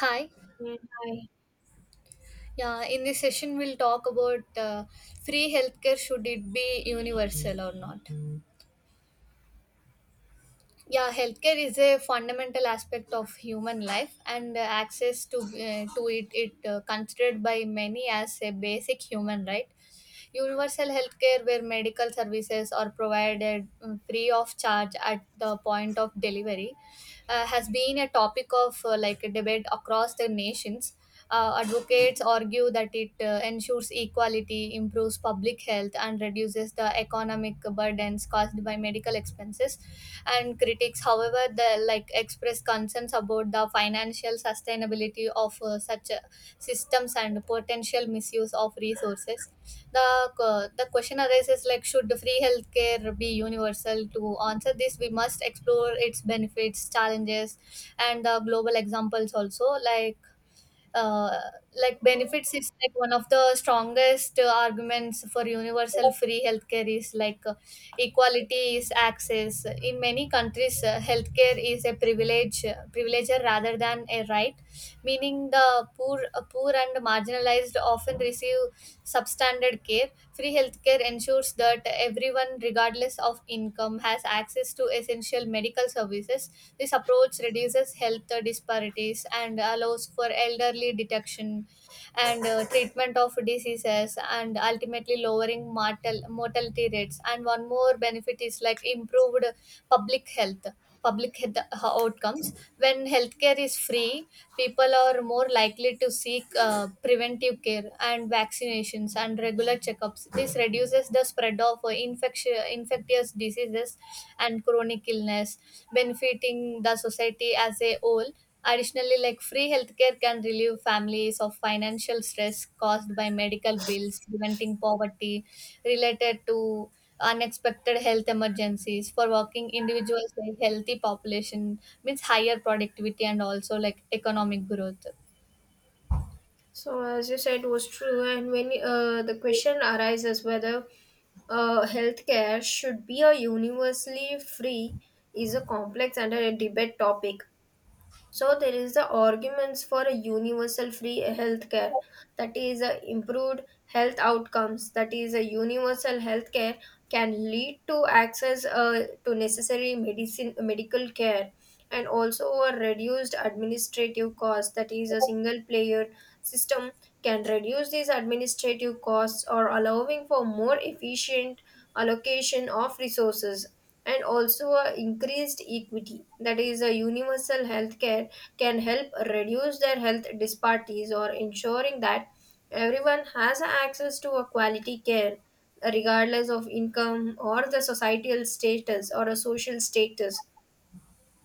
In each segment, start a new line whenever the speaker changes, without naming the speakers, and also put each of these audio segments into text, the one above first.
Hi.
Yeah, hi.
Yeah, in this session, we'll talk about free healthcare. Should it be universal or not? Yeah, healthcare is a fundamental aspect of human life, and access to it considered by many as a basic human right. Universal healthcare, where medical services are provided free of charge at the point of delivery, has been a topic of like a debate across the nations. Advocates argue that it ensures equality, improves public health, and reduces the economic burdens caused by medical expenses. And critics, however, the like express concerns about the financial sustainability of such systems and potential misuse of resources. The question arises, like, should free healthcare be universal? To answer this, we must explore its benefits, challenges, and the global examples also. like uh, like, benefits is like one of the strongest arguments for universal free healthcare is like equality is access. In many countries healthcare is a privilege, privileger rather than a right, meaning the poor, poor and marginalized, often receive substandard care. Free healthcare ensures that everyone, regardless of income, has access to essential medical services. This approach reduces health disparities and allows for elderly detection, and treatment of diseases, and ultimately lowering mortality rates. And one more benefit is like improved public health public health outcomes. When healthcare is free, people are more likely to seek preventive care and vaccinations and regular checkups. This reduces the spread of infectious diseases and chronic illness, benefiting the society as a whole. Additionally, like, free healthcare can relieve families of financial stress caused by medical bills, preventing poverty related to unexpected health emergencies. For working individuals, a healthy population means higher productivity and also like economic growth.
So, as you said, was true, and when the question arises whether healthcare should be a universally free is a complex and a debate topic. So there is the arguments for a universal free healthcare, that is a improved health outcomes, that is a universal healthcare can lead to access to necessary medicine medical care, and also a reduced administrative cost, that is a single player system can reduce these administrative costs or allowing for more efficient allocation of resources, and also a increased equity, that is a universal health care can help reduce their health disparities or ensuring that everyone has access to a quality care regardless of income or the societal status or a social status.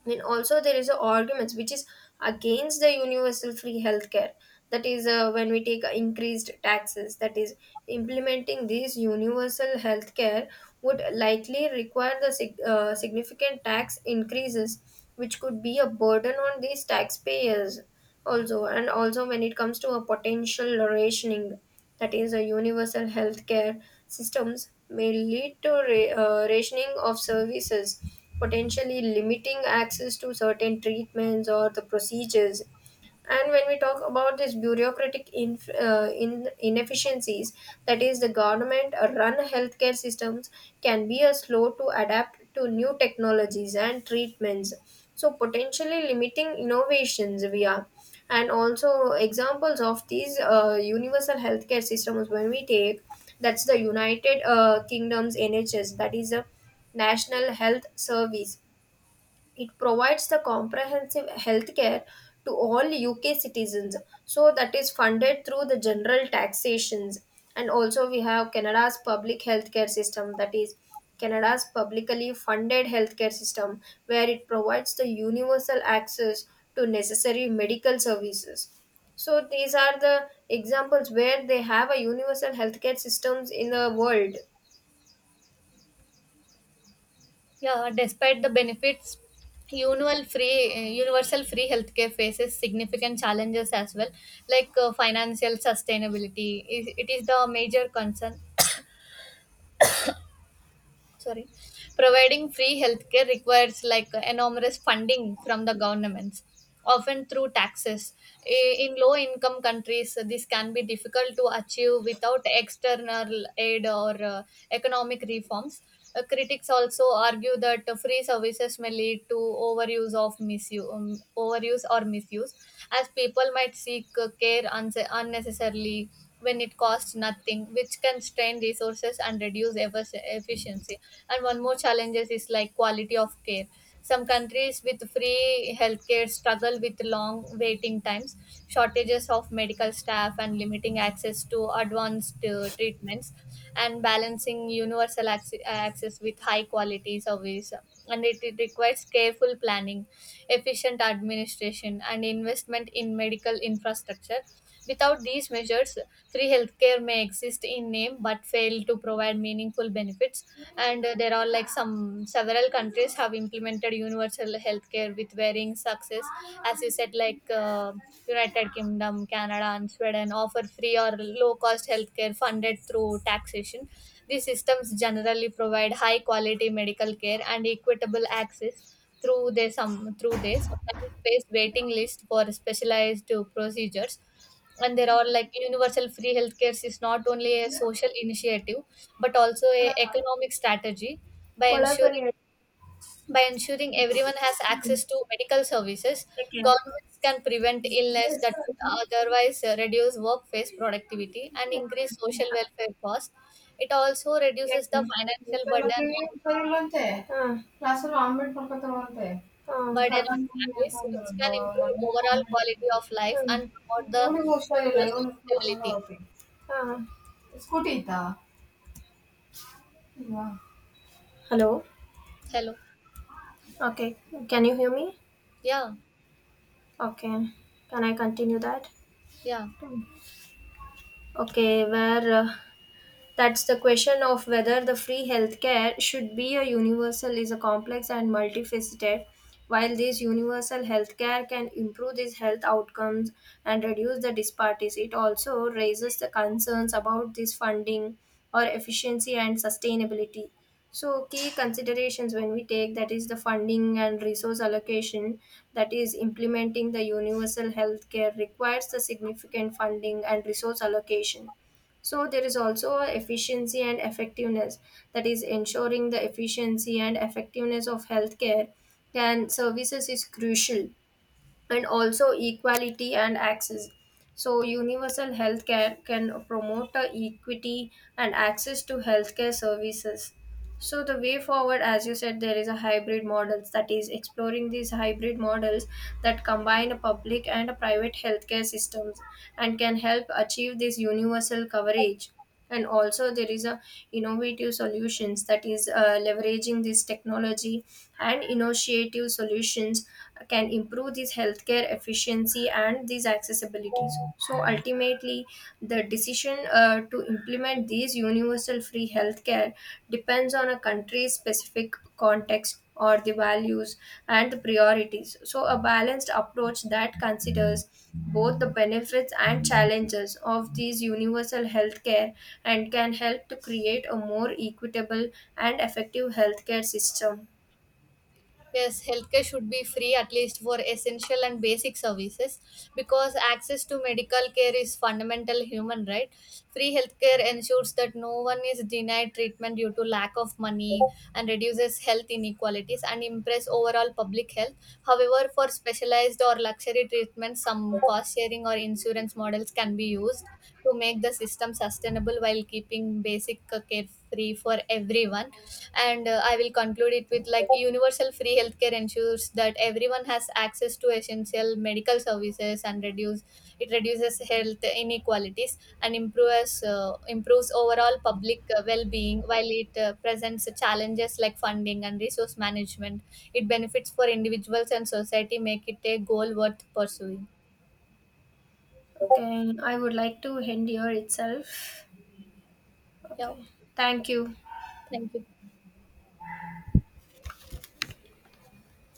And also there is a arguments which is against the universal free healthcare, that is, when we take increased taxes, that is implementing this universal healthcare would likely require the significant tax increases which could be a burden on these taxpayers also. And also when it comes to a potential rationing, that is a universal healthcare systems may lead to rationing of services, potentially limiting access to certain treatments or the procedures. And when we talk about this bureaucratic inefficiencies, that is, the government run healthcare systems can be a slow to adapt to new technologies and treatments. So, potentially limiting innovations we are. And also, examples of these universal healthcare systems, when we take, that's the United Kingdom's NHS, that is a National Health Service. It provides the comprehensive health care to all UK citizens. So that is funded through the general taxations. And also we have Canada's public healthcare system, that is Canada's publicly funded healthcare system, where it provides the universal access to necessary medical services. So these are the examples where they have a universal healthcare systems in the world.
Yeah, despite the benefits, universal free healthcare faces significant challenges as well, like financial sustainability. It is the major concern. Sorry. Providing free healthcare requires like enormous funding from the governments, often through taxes. In low income countries, this can be difficult to achieve without external aid or economic reforms. Critics also argue that free services may lead to overuse of misuse um, overuse or misuse, as people might seek care unnecessarily when it costs nothing, which can strain resources and reduce efficiency. And one more challenge is like quality of care. Some countries with free healthcare struggle with long waiting times, shortages of medical staff, and limiting access to advanced treatments, and balancing universal access with high quality service. And it requires careful planning, efficient administration, and investment in medical infrastructure. Without these measures, free healthcare may exist in name but fail to provide meaningful benefits. And there are like some several countries have implemented universal healthcare with varying success. As you said, like United Kingdom, Canada, and Sweden offer free or low cost healthcare funded through taxation. These systems generally provide high quality medical care and equitable access, through their some through they sometimes face waiting lists for specialized procedures. And there are like universal free healthcare is not only a social initiative but also a economic strategy. by
Well, I
ensuring
will.
by ensuring everyone has
Hmm.
access to medical services.
Take care.
Governments can prevent illness
Yes.
that would otherwise reduce workplace productivity and increase social welfare costs. It also reduces the
Okay. You
financial
are not doing very well today. Ah. Classes are not being conducted well today. Ah.
burden on
Carpenters are
families,
not
which
doing
can
well.
improve
That is
overall
why.
quality of life
Ah.
and promote the
You are not going to school. You are
social
not going
stability.
to school. Ah. Schooling. Hello.
Hello.
Okay. Can you hear me?
Yeah.
Okay. Can I continue that?
Yeah.
Okay. Where? That's the question of whether the free healthcare should be a universal is a complex and multifaceted. While this universal healthcare can improve these health outcomes and reduce the disparities, it also raises the concerns about this funding or efficiency and sustainability. So key considerations, when we take, that is the funding and resource allocation, that is implementing the universal healthcare requires the significant funding and resource allocation. So there is also a efficiency and effectiveness, that is ensuring the efficiency and effectiveness of healthcare and services is crucial, and also equality and access. So, universal healthcare can promote the equity and access to healthcare services. So, the way forward, as you said, there is a hybrid models, that is exploring these hybrid models that combine a public and a private healthcare systems and can help achieve this universal coverage. And also, there is a innovative solutions, that is leveraging this technology and initiative solutions can improve this healthcare efficiency and these accessibilities. So ultimately the decision to implement these universal free healthcare depends on a country's specific context or the values and the priorities. So a balanced approach that considers both the benefits and challenges of these universal healthcare and can help to create a more equitable and effective healthcare system.
Yes, healthcare should be free, at least for essential and basic services, because access to medical care is fundamental human right. Free healthcare ensures that no one is denied treatment due to lack of money, and reduces health inequalities and improves overall public health. However, for specialized or luxury treatments, some cost sharing or insurance models can be used to make the system sustainable while keeping basic care free for everyone. And I will conclude it with, like, universal free healthcare ensures that everyone has access to essential medical services and reduce it reduces health inequalities and improves overall public well-being. While it presents challenges like funding and resource management, it benefits for individuals and society make it a goal worth pursuing.
Okay, I would like to end here itself.
Yeah,
Okay,
okay.
thank you.
Thank you.